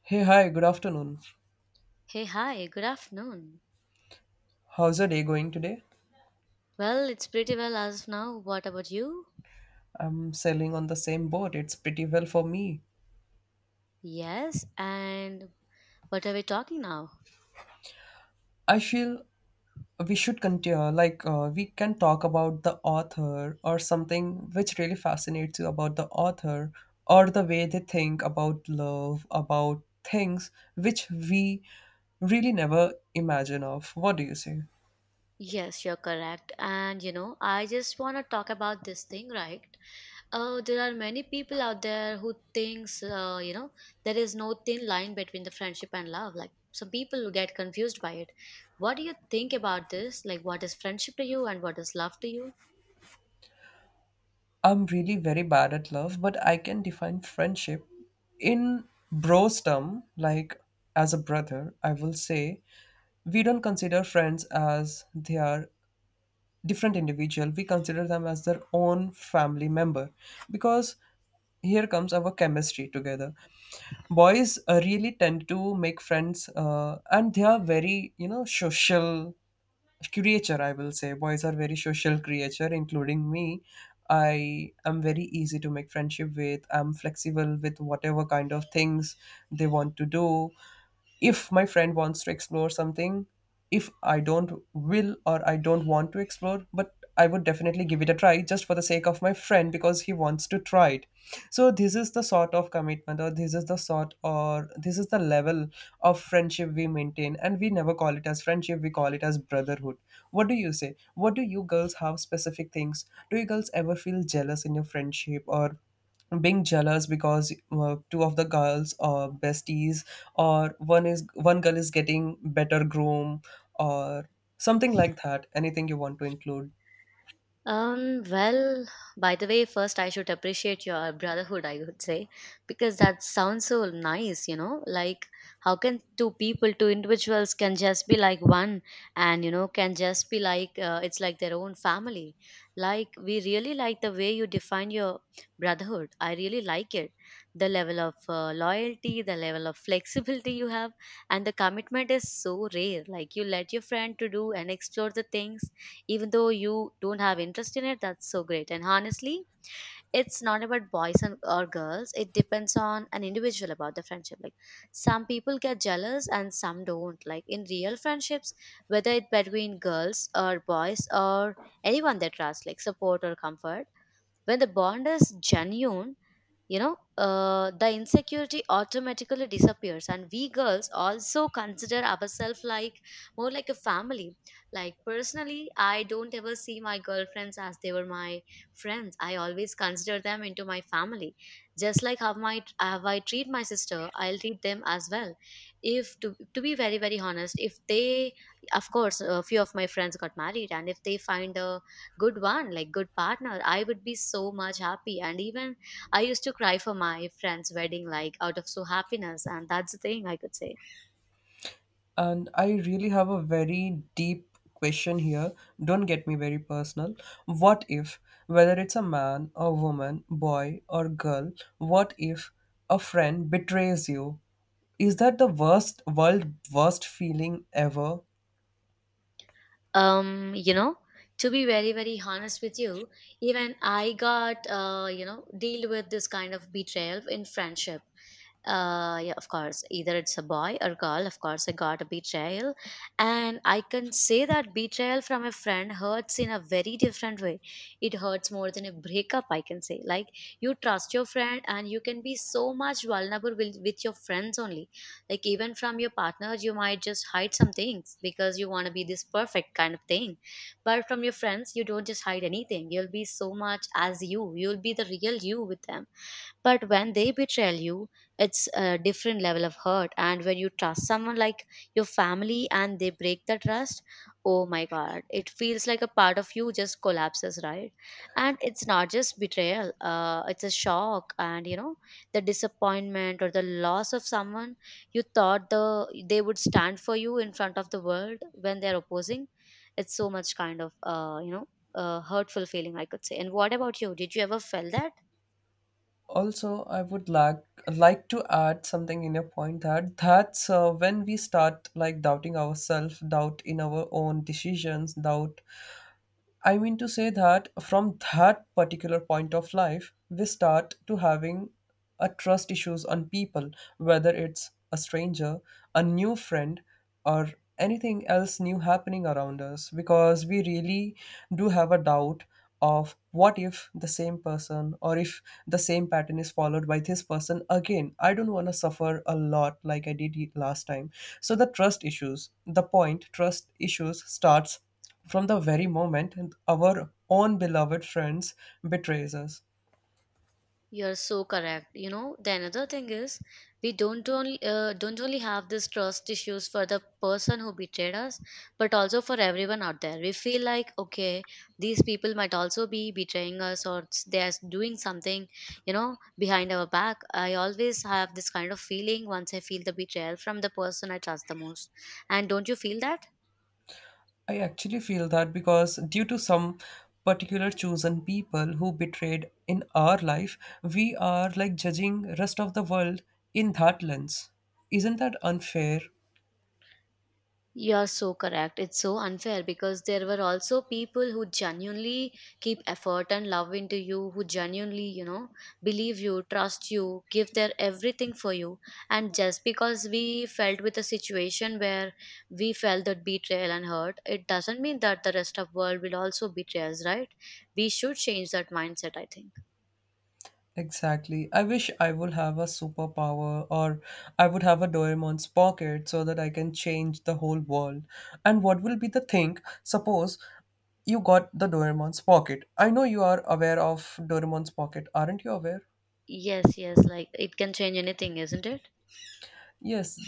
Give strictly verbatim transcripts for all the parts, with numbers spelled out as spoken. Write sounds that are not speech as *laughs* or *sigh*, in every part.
Hey, hi, good afternoon. Hey, hi, good afternoon. How's your day going today? Well, it's pretty well as of now. What about you? I'm sailing on the same boat. It's pretty well for me. Yes, and what are we talking now? I feel we should continue, like, uh, we can talk about the author or something which really fascinates you about the author, or the way they think about love, about things which we really never imagine of. What do you say? Yes, you're correct. And you know, I just want to talk about this thing, right? Uh, there are many people out there who thinks, uh, you know, there is no thin line between the friendship and love. Like some people get confused by it. What do you think about this? Like, what is friendship to you and what is love to you? I'm really very bad at love, but I can define friendship in bros term, like as a brother, I will say we don't consider friends as they are different individual. We consider them as their own family member, because here comes our chemistry together. Boys uh, really tend to make friends, uh, and they are very, you know, social creature, I will say. Boys are very social creature, including me. I am very easy to make friendship with. I'm flexible with whatever kind of things they want to do. If my friend wants to explore something, if I don't will or I don't want to explore, but I would definitely give it a try, just for the sake of my friend, because he wants to try it. So this is the sort of commitment, or this is the sort or this is the level of friendship we maintain, and we never call it as friendship, we call it as brotherhood. What do you say? What do you girls have specific things? Do you girls ever feel jealous in your friendship, or being jealous because uh, two of the girls are besties, or one is one girl is getting better groom, or something like that, anything you want to include? Um, well, by the way, first I should appreciate your brotherhood, I would say, because that sounds so nice, you know, like how can two people, two individuals can just be like one and, you know, can just be like, uh, it's like their own family. Like, we really like the way you define your brotherhood. I really like it. The level of uh, loyalty, the level of flexibility you have, and the commitment is so rare. Like, you let your friend to do and explore the things even though you don't have interest in it. That's so great. And honestly, it's not about boys and or girls, it depends on an individual about the friendship. Like some people get jealous and some don't, like in real friendships, whether it's between girls or boys or anyone, they trust like support or comfort. When the bond is genuine, you know, uh, the insecurity automatically disappears. And we girls also consider ourselves like more like a family. Like personally, I don't ever see my girlfriends as they were my friends. I always consider them into my family. Just like how my how I treat my sister, I'll treat them as well. If to, to be very very honest, if they, of course, a few of my friends got married, and if they find a good one, like good partner, I would be so much happy. And even I used to cry for my friend's wedding, like out of so happiness, and that's the thing I could say. And I really have a very deep question here. Don't get me very personal. What if, whether it's a man, a woman, boy, or girl, what if a friend betrays you? Is that the worst world worst feeling ever? Um, you know, to be very, very honest with you, even I got, uh, you know, deal with this kind of betrayal in friendship. Uh yeah, of course, either it's a boy or girl, of course I got a betrayal. And I can say that betrayal from a friend hurts in a very different way. It hurts more than a breakup, I can say. Like you trust your friend and you can be so much vulnerable with, with your friends only. Like even from your partners you might just hide some things because you want to be this perfect kind of thing, but from your friends you don't just hide anything. You'll be so much as you, you'll be the real you with them. But when they betray you, it's a different level of hurt. And when you trust someone like your family and they break the trust, oh my god, it feels like a part of you just collapses, right? And it's not just betrayal, uh, it's a shock. And you know, the disappointment or the loss of someone you thought the they would stand for you in front of the world, when they're opposing, it's so much kind of, uh, you know uh, hurtful feeling I could say. And what about you, did you ever feel that? Also, I would like like to add something in your point, that that's uh, when we start like doubting ourselves, doubt in our own decisions, doubt, I mean to say that from that particular point of life, we start to having a trust issues on people, whether it's a stranger, a new friend, or anything else new happening around us, because we really do have a doubt of what if the same person or if the same pattern is followed by this person again. I don't want to suffer a lot like I did last time. So the trust issues, the point trust issues starts from the very moment our own beloved friends betrays us. You're so correct. You know, the another thing is we don't only uh, don't only have this trust issues for the person who betrayed us, but also for everyone out there. We feel like, okay, these people might also be betraying us or s- they are doing something, you know, behind our back. I always have this kind of feeling once I feel the betrayal from the person I trust the most. And don't you feel that? I actually feel that, because due to some particular chosen people who betrayed in our life, we are like judging rest of the world in that lens. Isn't that unfair? You're so correct. It's so unfair because there were also people who genuinely keep effort and love into you, who genuinely, you know, believe you, trust you, give their everything for you. And just because we felt with a situation where we felt that betrayal and hurt, it doesn't mean that the rest of world will also betray us, right? We should change that mindset, I think. Exactly. I wish I would have a superpower, or I would have a Doraemon's pocket so that I can change the whole world. And what will be the thing? Suppose you got the Doraemon's pocket. I know you are aware of Doraemon's pocket, aren't you aware? Yes, yes, like it can change anything, isn't it? Yes,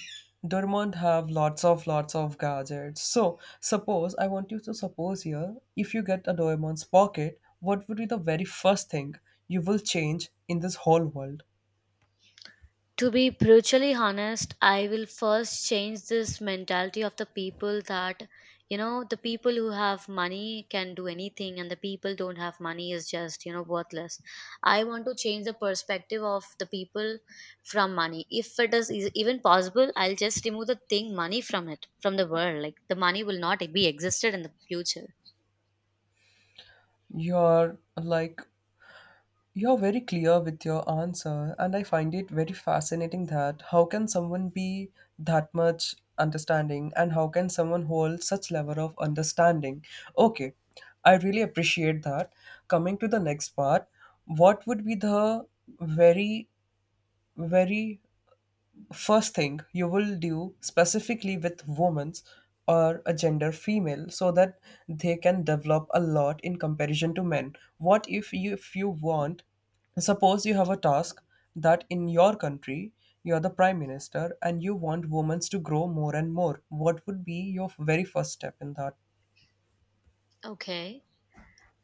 Doraemon have lots of lots of gadgets. So suppose I want you to suppose here, if you get a Doraemon's pocket, what would be the very first thing you will change in this whole world? To be brutally honest, I will first change this mentality of the people that, you know, the people who have money can do anything and the people don't have money is just, you know, worthless. I want to change the perspective of the people from money. If it is e- even possible, I'll just remove the thing money from it, from the world. Like the money will not be existed in the future. Your like You're very clear with your answer, and I find it very fascinating that how can someone be that much understanding, and how can someone hold such level of understanding? Okay, I really appreciate that. Coming to the next part, what would be the very, very first thing you will do specifically with women or a gender female, so that they can develop a lot in comparison to men? What if you if you want, suppose you have a task, that in your country you are the prime minister and you want women to grow more and more, what would be your very first step in that? Okay.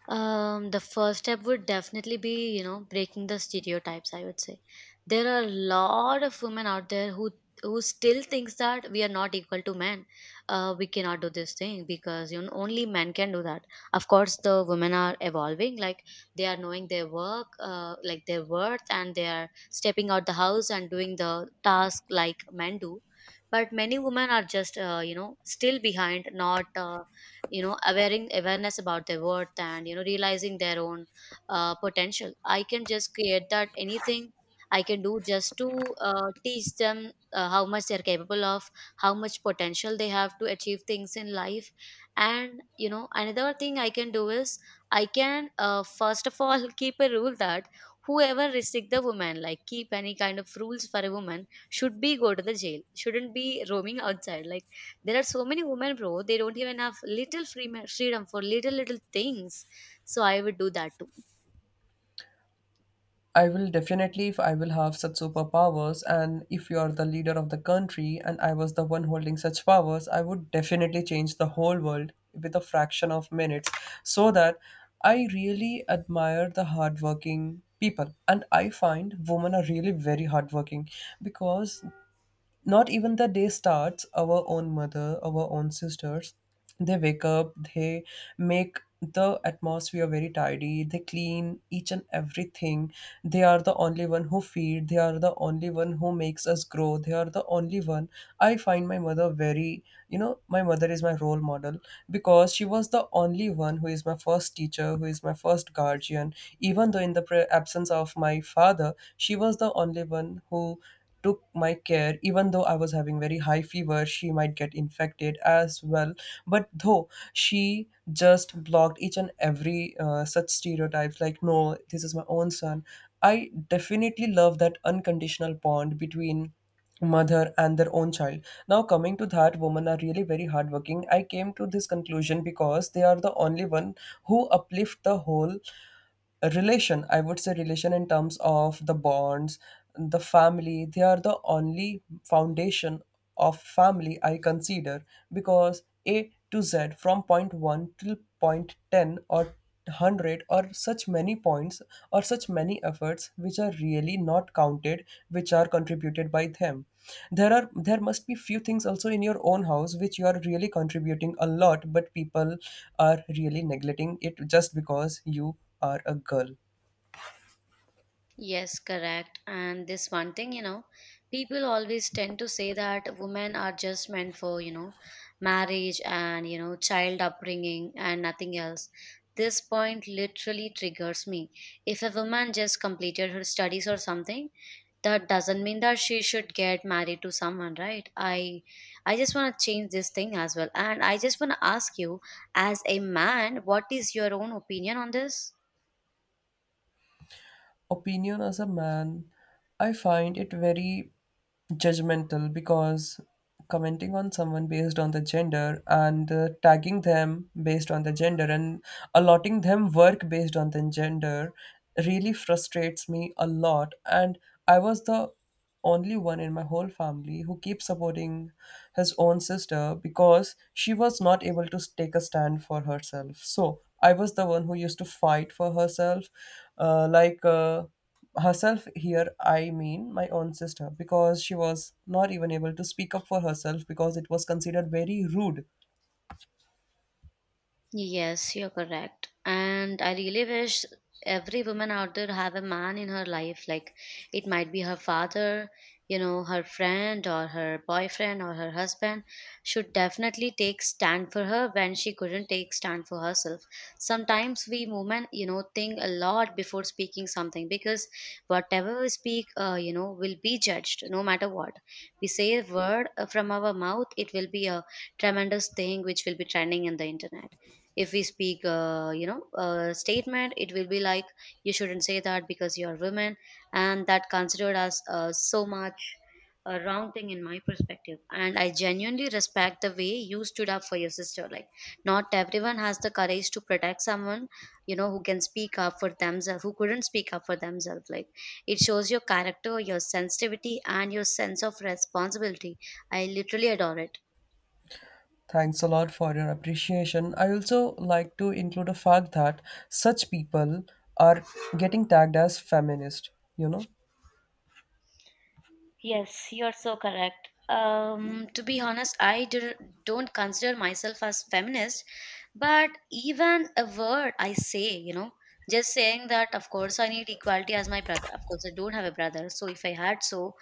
Um, the first step would definitely be, you know, breaking the stereotypes, I would say. There are a lot of women out there who who still thinks that we are not equal to men. Uh, we cannot do this thing because you know only men can do that. Of course, the women are evolving, like they are knowing their work, uh, like their worth, and they are stepping out the house and doing the task like men do. But many women are just, uh, you know, still behind, not uh, you know, awareing awareness about their worth, and you know, realizing their own uh, potential. I can just create that anything I can do just to uh, teach them uh, how much they're capable of, how much potential they have to achieve things in life. And you know, another thing I can do is I can, uh, first of all *laughs* keep a rule that whoever restrict the woman, like keep any kind of rules for a woman, should be go to the jail, shouldn't be roaming outside. Like there are so many women, bro. They don't even have little free freedom for little little things. So I would do that too. I will definitely, if I will have such superpowers and if you are the leader of the country and I was the one holding such powers, I would definitely change the whole world with a fraction of minutes, so that I really admire the hardworking people, and I find women are really very hardworking, because not even the day starts, our own mother, our own sisters, they wake up, they make the atmosphere very tidy, they clean each and everything, they are the only one who feed, they are the only one who makes us grow, they are the only one. I find my mother very, you know, my mother is my role model, because she was the only one who is my first teacher, who is my first guardian. Even though in the pre- absence of my father, she was the only one who took my care. Even though I was having very high fever, she might get infected as well, but though, she just blocked each and every uh, such stereotypes, like, no, this is my own son. I definitely love that unconditional bond between mother and their own child. Now coming to that, women are really very hardworking. I came to this conclusion because they are the only one who uplift the whole, a relation, I would say relation in terms of the bonds, the family, they are the only foundation of family, I consider, because A to Z from point one till point ten or one hundred, or such many points, or such many efforts which are really not counted, which are contributed by them. There are, there must be few things also in your own house which you are really contributing a lot, but people are really neglecting it, just because you are a girl. Yes, correct. And this one thing, you know, people always tend to say that women are just meant for, you know, marriage and, you know, child upbringing and nothing else. This point literally triggers me. If a woman just completed her studies or something, that doesn't mean that she should get married to someone, right? I i just want to change this thing as well, and I just want to ask you, as a man, what is your own opinion on this? Opinion as a man, I find it very judgmental, because commenting on someone based on the gender and uh, tagging them based on the gender and allotting them work based on the gender really frustrates me a lot. And I was the only one in my whole family who keeps supporting his own sister, because she was not able to take a stand for herself. So I was the one who used to fight for herself, uh, like uh, herself here, I mean my own sister, because she was not even able to speak up for herself, because it was considered very rude. Yes, you're correct. And I really wish every woman out there have a man in her life. Like it might be her father, you know, her friend or her boyfriend or her husband should definitely take stand for her when she couldn't take stand for herself. Sometimes we women, you know, think a lot before speaking something because whatever we speak, uh, you know, will be judged no matter what. We say a word uh, from our mouth, it will be a tremendous thing which will be trending in the internet. If we speak, uh, you know, a statement, it will be like you shouldn't say that because you're women, and that considered as uh, so much a wrong thing in my perspective. And I genuinely respect the way you stood up for your sister. Like not everyone has the courage to protect someone, you know, who can speak up for themselves, who couldn't speak up for themselves. Like it shows your character, your sensitivity and your sense of responsibility. I literally adore it. Thanks a lot for your appreciation. I also like to include a fact that such people are getting tagged as feminist, you know? Yes, you're so correct. Um, to be honest, I do, don't consider myself as feminist, but even a word I say, you know, just saying that, of course, I need equality as my brother. Of course, I don't have a brother, so if I had so,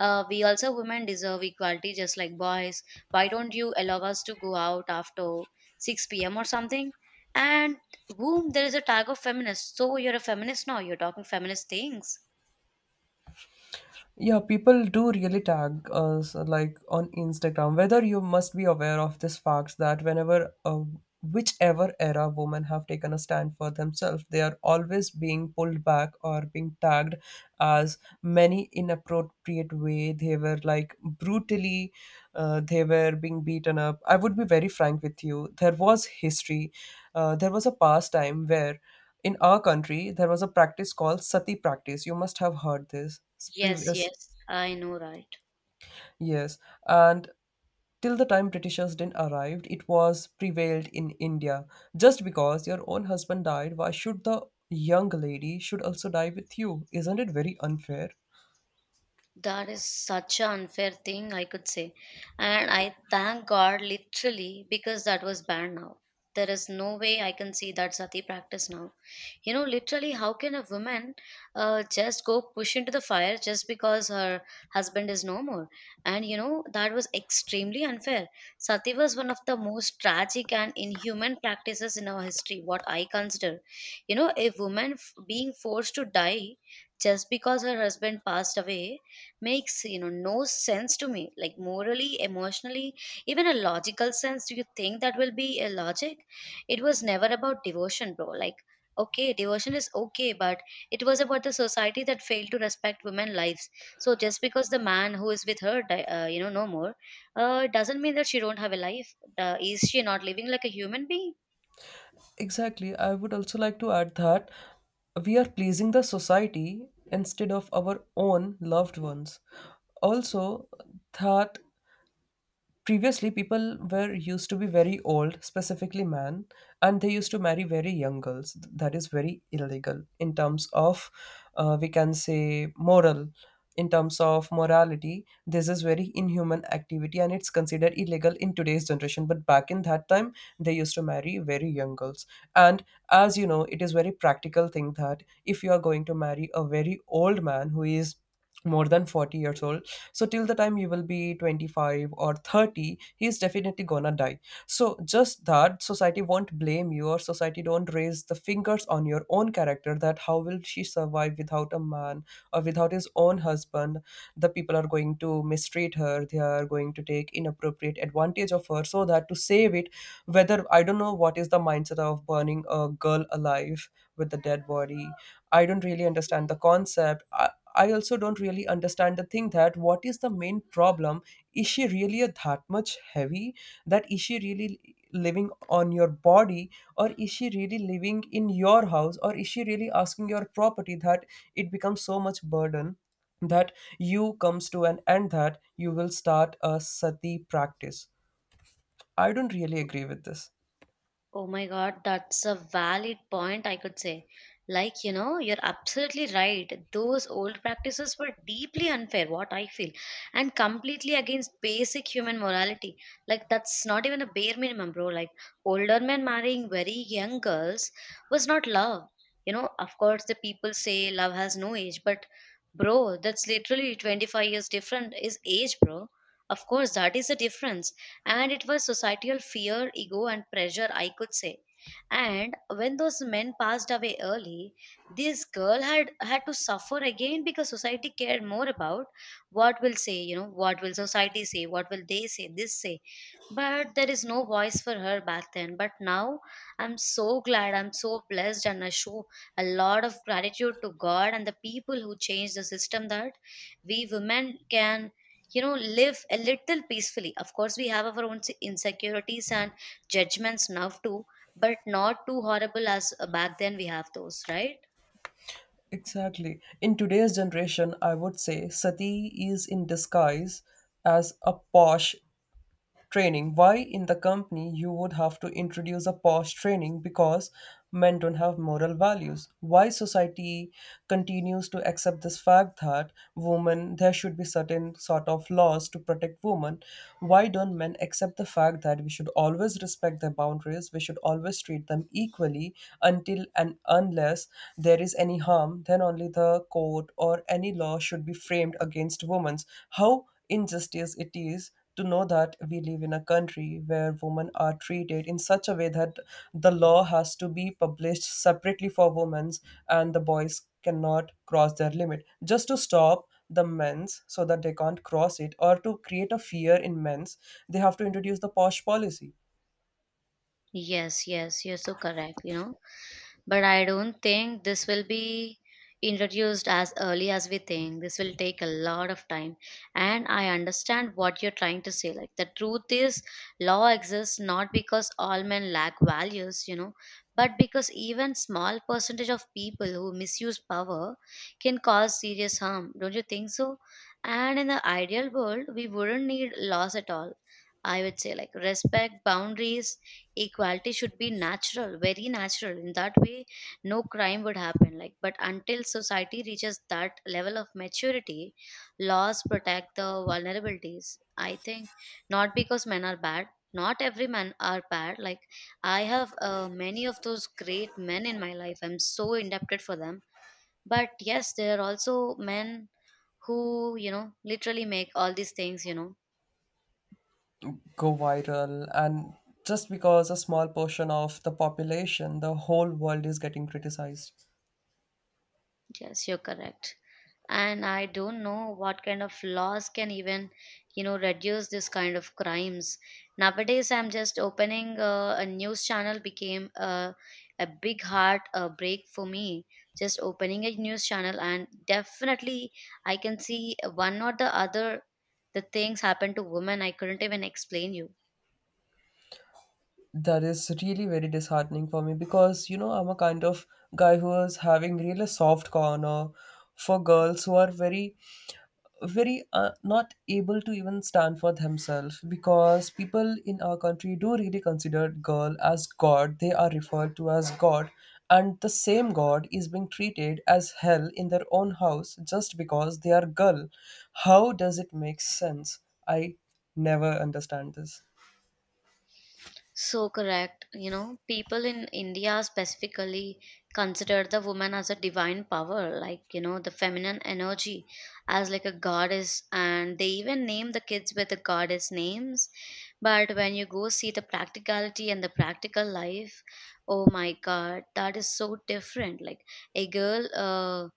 uh, we also women deserve equality just like boys. Why don't you allow us to go out after six p m or something? And boom, there is a tag of feminist. So you're a feminist now, you're talking feminist things. Yeah, people do really tag us like on Instagram. Whether you must be aware of this fact that whenever, uh, whichever era women have taken a stand for themselves, they are always being pulled back or being tagged as many inappropriate way. They were like brutally, uh, they were being beaten up. I would be very frank with you. There was history. Uh, there was a past time where. In our country, there was a practice called sati practice. You must have heard this. It's Yes, Previous, yes, I know, right. yes, and till the time Britishers didn't arrived, it was prevailed in India. Just because your own husband died, why should the young lady should also die with you? Isn't it very unfair? That is such an unfair thing, I could say. And I thank God literally because that was banned now. There is no way I can see that sati practice now. You know, literally, how can a woman uh, just go push into the fire just because her husband is no more? And you know, that was extremely unfair. Sati was one of the most tragic and inhuman practices in our history, what I consider. You know, a woman f- being forced to die just because her husband passed away makes you know no sense to me, like morally, emotionally, even a logical sense. Do you think that will be a logic? It was never about devotion, bro. Like, okay, devotion is okay, but it was about the society that failed to respect women lives. So just because the man who is with her di- uh, you know no more, uh, doesn't mean that she don't have a life. Uh, is she not living like a human being? Exactly. I would also like to add that we are pleasing the society instead of our own loved ones. Also, that previously people were used to be very old, specifically men, and they used to marry very young girls. That is very illegal in terms of, uh, we can say moral, in terms of morality, this is very inhuman activity, and it's considered illegal in today's generation, but back in that time they used to marry very young girls. And as you know, it is very practical thing that if you are going to marry a very old man who is more than forty years old, so till the time you will be twenty-five or thirty, he is definitely gonna die. So just that society won't blame you, or society don't raise the fingers on your own character, that how will she survive without a man, or without his own husband? The people are going to mistreat her, they are going to take inappropriate advantage of her, so that to save it, whether, I don't know what is the mindset of burning a girl alive with a dead body. I don't really understand the concept. I also don't really understand the thing that what is the main problem. Is she really that much heavy? That is she really living on your body, or is she really living in your house, or is she really asking your property, that it becomes so much burden? That you comes to an end that you will start a sati practice. I don't really agree with this. Oh my God, that's a valid point, I could say. Like, you know, you're absolutely right. Those old practices were deeply unfair, what I feel, and completely against basic human morality. Like, that's not even a bare minimum, bro. Like, older men marrying very young girls was not love. You know, of course, the people say love has no age, but bro, that's literally twenty-five years different is age, bro. Of course, that is the difference, and it was societal fear, ego and pressure, I could say. And when those men passed away early, this girl had had to suffer again because society cared more about what will say, you know, what will society say, what will they say, this say. But there is no voice for her back then, but now I'm so glad, I'm so blessed, and I show a lot of gratitude to God and the people who changed the system, that we women can, you know, live a little peacefully. Of course, we have our own insecurities and judgments now too, but not too horrible as uh, back then we have those, right? Exactly, in today's generation I would say sati is in disguise as a POSH training. Why in the company you would have to introduce a POSH training? Because men don't have moral values. Why society continues to accept this fact that women, there should be certain sort of laws to protect women? Why don't men accept the fact that we should always respect their boundaries, we should always treat them equally? Until and unless there is any harm, then only the code or any law should be framed against women. How injustice it is to know that we live in a country where women are treated in such a way that the law has to be published separately for women's, and the boys cannot cross their limit just to stop the men's so that they can't cross it, or to create a fear in men's, they have to introduce the POSH policy. Yes, yes, you're so correct, you know. But I don't think this will be introduced as early as we think. This will take a lot of time. And I understand what you're trying to say. Like, the truth is, law exists not because all men lack values, you know, but because even small percentage of people who misuse power can cause serious harm. Don't you think so? And in the ideal world, we wouldn't need laws at all. I would say, like, respect, boundaries, equality should be natural, very natural in that way. No crime would happen, like, but until society reaches that level of maturity, laws protect the vulnerabilities, I think. Not because men are bad, not every man are bad. Like, I have uh, many of those great men in my life, I'm so indebted for them. But yes, there are also men who, you know, literally make all these things, you know. Go viral, and just because a small portion of the population, the whole world is getting criticized. Yes, you're correct. And I don't know what kind of laws can even, you know, reduce this kind of crimes. Nowadays, I'm just opening uh, a news channel became a, a big heart uh, break for me. Just opening a news channel, and definitely I can see one or the other the things happen to women. I couldn't even explain you. That is really very disheartening for me, because you know, I'm a kind of guy who is having really soft corner for girls who are very very uh, not able to even stand for themselves. Because people in our country do really consider girl as god, they are referred to as god, and the same god is being treated as hell in their own house just because they are girl. How does it make sense? I never understand this. So correct. You know, people in India specifically consider the woman as a divine power, like, you know, the feminine energy as like a goddess. And they even name the kids with the goddess names. But when you go see the practicality and the practical life, oh my God, that is so different. Like a girl, uh,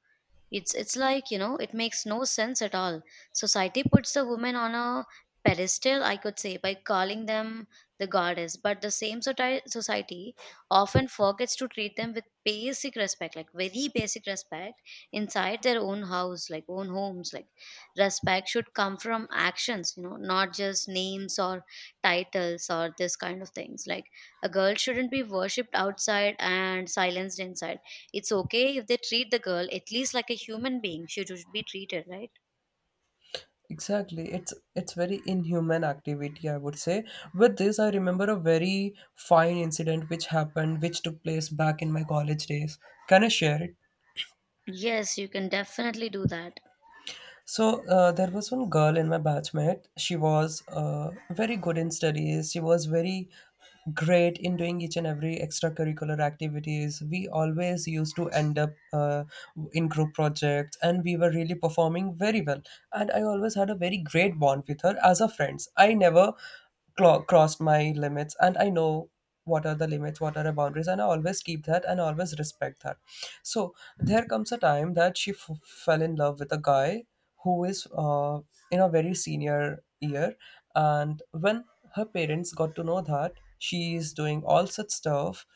it's it's like, you know, it makes no sense at all. Society puts the women on a pedestal, I could say, by calling them the goddess, but the same soti- society often forgets to treat them with basic respect, like very basic respect inside their own house, like own homes. Like, respect should come from actions, you know, not just names or titles or this kind of things. Like, a girl shouldn't be worshipped outside and silenced inside. It's okay if they treat the girl at least like a human being. She should be treated, right? Exactly, it's it's very inhuman activity, I would say. With this I remember a very fine incident which happened, which took place back in my college days. Can I share it? Yes, you can definitely do that. So uh, there was one girl in my batchmate. She was uh, very good in studies. She was very great in doing each and every extracurricular activities. We always used to end up uh, in group projects, and we were really performing very well. And I always had a very great bond with her as a friends. I never clo- crossed my limits, and I know what are the limits, what are the boundaries, and I always keep that and always respect that. So there comes a time that she f- fell in love with a guy who is uh, in a very senior year. And when her parents got to know that she is doing all such stuff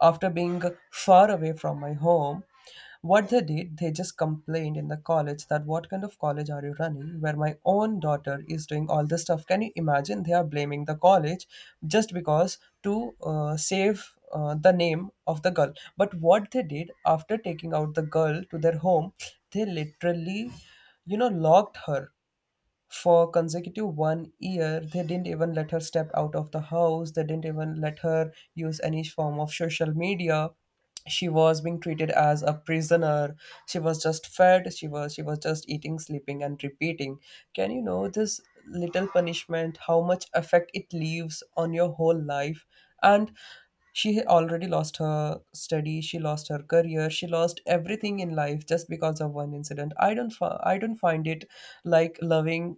after being far away from my home, what they did, they just complained in the college that what kind of college are you running where my own daughter is doing all this stuff? Can you imagine? They are blaming the college just because to uh, save uh, the name of the girl. But what they did after taking out the girl to their home, they literally, you know, locked her for consecutive one year. They didn't even let her step out of the house, they didn't even let her use any form of social media. She was being treated as a prisoner. She was just fed, she was she was just eating, sleeping and repeating. Can you know this little punishment how much effect it leaves on your whole life? And she had already lost her study, she lost her career, she lost everything in life just because of one incident. I don't fi- I don't find it, like, loving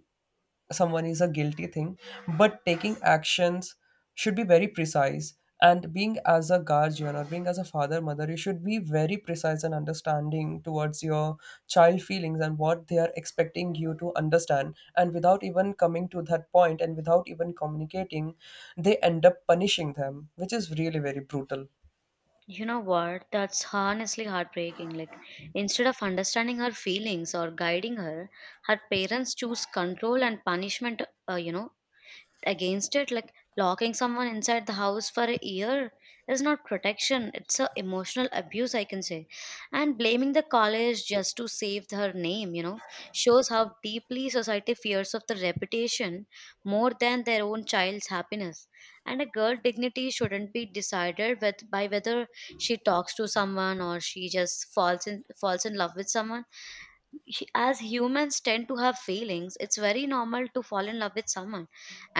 someone is a guilty thing, but taking actions should be very precise. And being as a guardian or being as a father, mother, you should be very precise and understanding towards your child feelings and what they are expecting you to understand. And without even coming to that point and without even communicating, they end up punishing them, which is really very brutal. You know what? That's honestly heartbreaking. Like, instead of understanding her feelings or guiding her, her parents choose control and punishment, uh, you know, against it. Like locking someone inside the house for a year is not protection, it's a emotional abuse, I can say. And blaming the college just to save her name, you know, shows how deeply society fears of the reputation more than their own child's happiness. And a girl's dignity shouldn't be decided with by whether she talks to someone or she just falls in falls in love with someone. Hu- as humans tend to have feelings, it's very normal to fall in love with someone.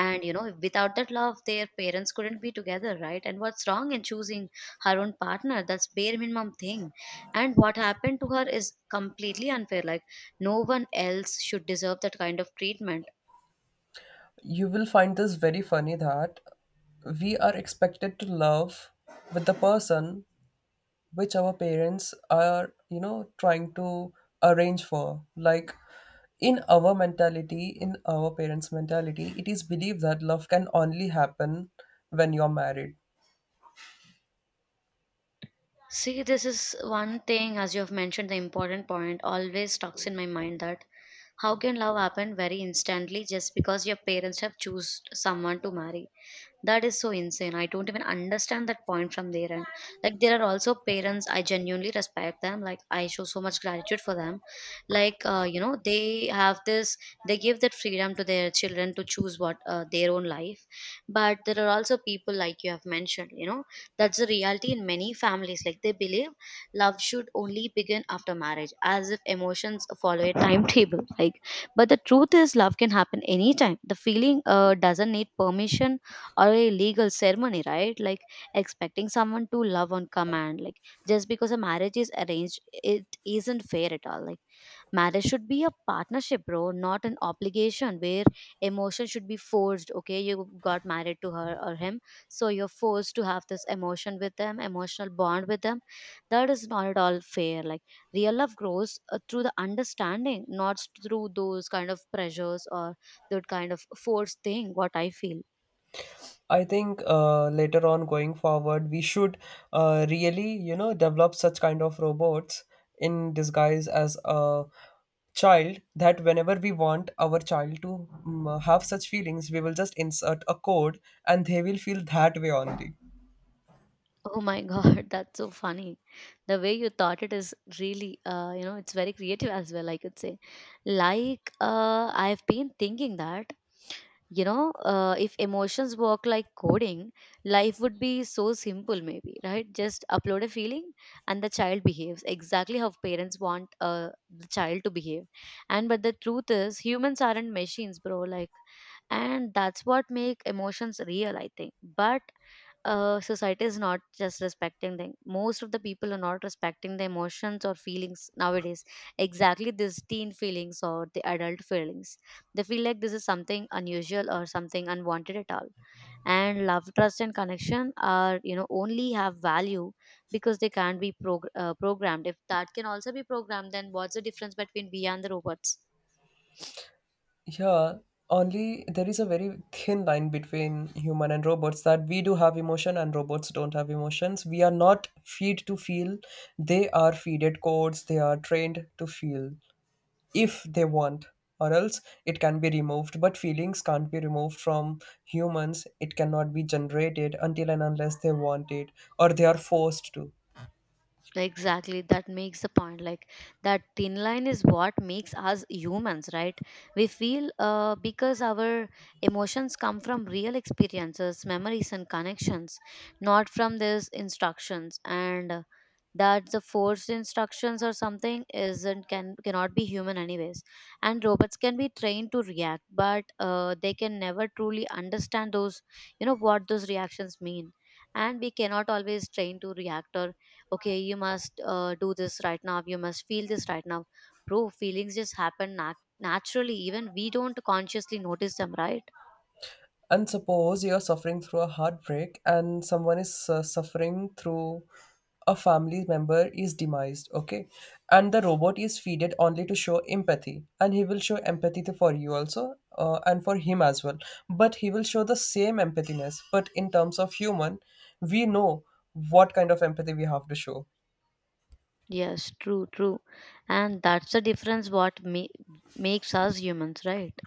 And, you know, without that love their parents couldn't be together, right? And what's wrong in choosing her own partner? That's bare minimum thing. And what happened to her is completely unfair. Like, no one else should deserve that kind of treatment. You will find this very funny that we are expected to love with the person which our parents are, you know, trying to arrange for. Like, in our mentality, in our parents mentality, it is believed that love can only happen when you're married. See, this is one thing, as you have mentioned, the important point always stuck in my mind, that how can love happen very instantly just because your parents have choose someone to marry. That is so insane. I don't even understand that point from their end. Like, there are also parents, I genuinely respect them. Like, I show so much gratitude for them. Like, uh, you know, they have this, they give that freedom to their children to choose what uh, their own life. But there are also people, like you have mentioned, you know, that's the reality in many families. Like, they believe love should only begin after marriage, as if emotions follow a timetable. Like, but the truth is love can happen anytime. The feeling uh, doesn't need permission or a legal ceremony, right? Like, expecting someone to love on command, like, just because a marriage is arranged, it isn't fair at all. Like, marriage should be a partnership, bro, not an obligation where emotion should be forced. Okay, you got married to her or him, so you're forced to have this emotion with them, emotional bond with them. That is not at all fair. Like, real love grows uh, through the understanding, not through those kind of pressures or that kind of forced thing, what I feel. I think uh, later on going forward we should uh, really, you know, develop such kind of robots in disguise as a child, that whenever we want our child to mm, have such feelings, we will just insert a code and they will feel that way only. Oh my God, *laughs* that's so funny. The way you thought it is really, uh, you know, it's very creative as well, I could say. Like, uh, I've been thinking that, you know, uh, if emotions work like coding, life would be so simple maybe, right? Just upload a feeling and the child behaves exactly how parents want uh, the child to behave. And but the truth is humans aren't machines, bro. Like, and that's what make emotions real, I think. But uh, society is not just respecting them. Most of the people are not respecting the emotions or feelings nowadays. Exactly these teen feelings or the adult feelings. They feel like this is something unusual or something unwanted at all. And love, trust, and connection are, you know, only have value because they can't be prog- uh, programmed. If that can also be programmed, then what's the difference between we and the robots? Yeah, only there is a very thin line between human and robots, that we do have emotion and robots don't have emotions. We are not feed to feel. They are feeded codes. They are trained to feel if they want, or else it can be removed. But feelings can't be removed from humans, it cannot be generated until and unless they want it or they are forced to. Exactly, that makes the point. Like, that thin line is what makes us humans, right? We feel uh, because our emotions come from real experiences, memories, and connections, not from these instructions. And uh, that the forced instructions or something isn't, can cannot be human anyways. And robots can be trained to react, but uh, they can never truly understand those, you know, what those reactions mean. And we cannot always train to react or okay, you must uh, do this right now, you must feel this right now. Bro, feelings just happen nat- naturally, even we don't consciously notice them, right? And suppose you're suffering through a heartbreak and someone is uh, suffering through, a family member is demised, okay? And the robot is feeded only to show empathy, and he will show empathy to- for you also uh, and for him as well. But he will show the same empathiness, but in terms of human, we know what kind of empathy we have to show. Yes, true, true. And that's the difference, what ma- makes us humans, right?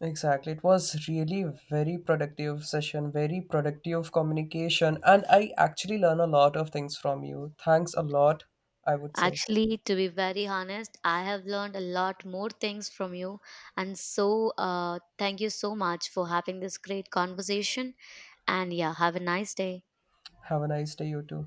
Exactly. It was really very productive session, very productive communication, and I actually learn a lot of things from you. Thanks a lot, I would say. Actually, to be very honest, I have learned a lot more things from you. And so, uh, thank you so much for having this great conversation. And yeah, have a nice day. Have a nice day, you too.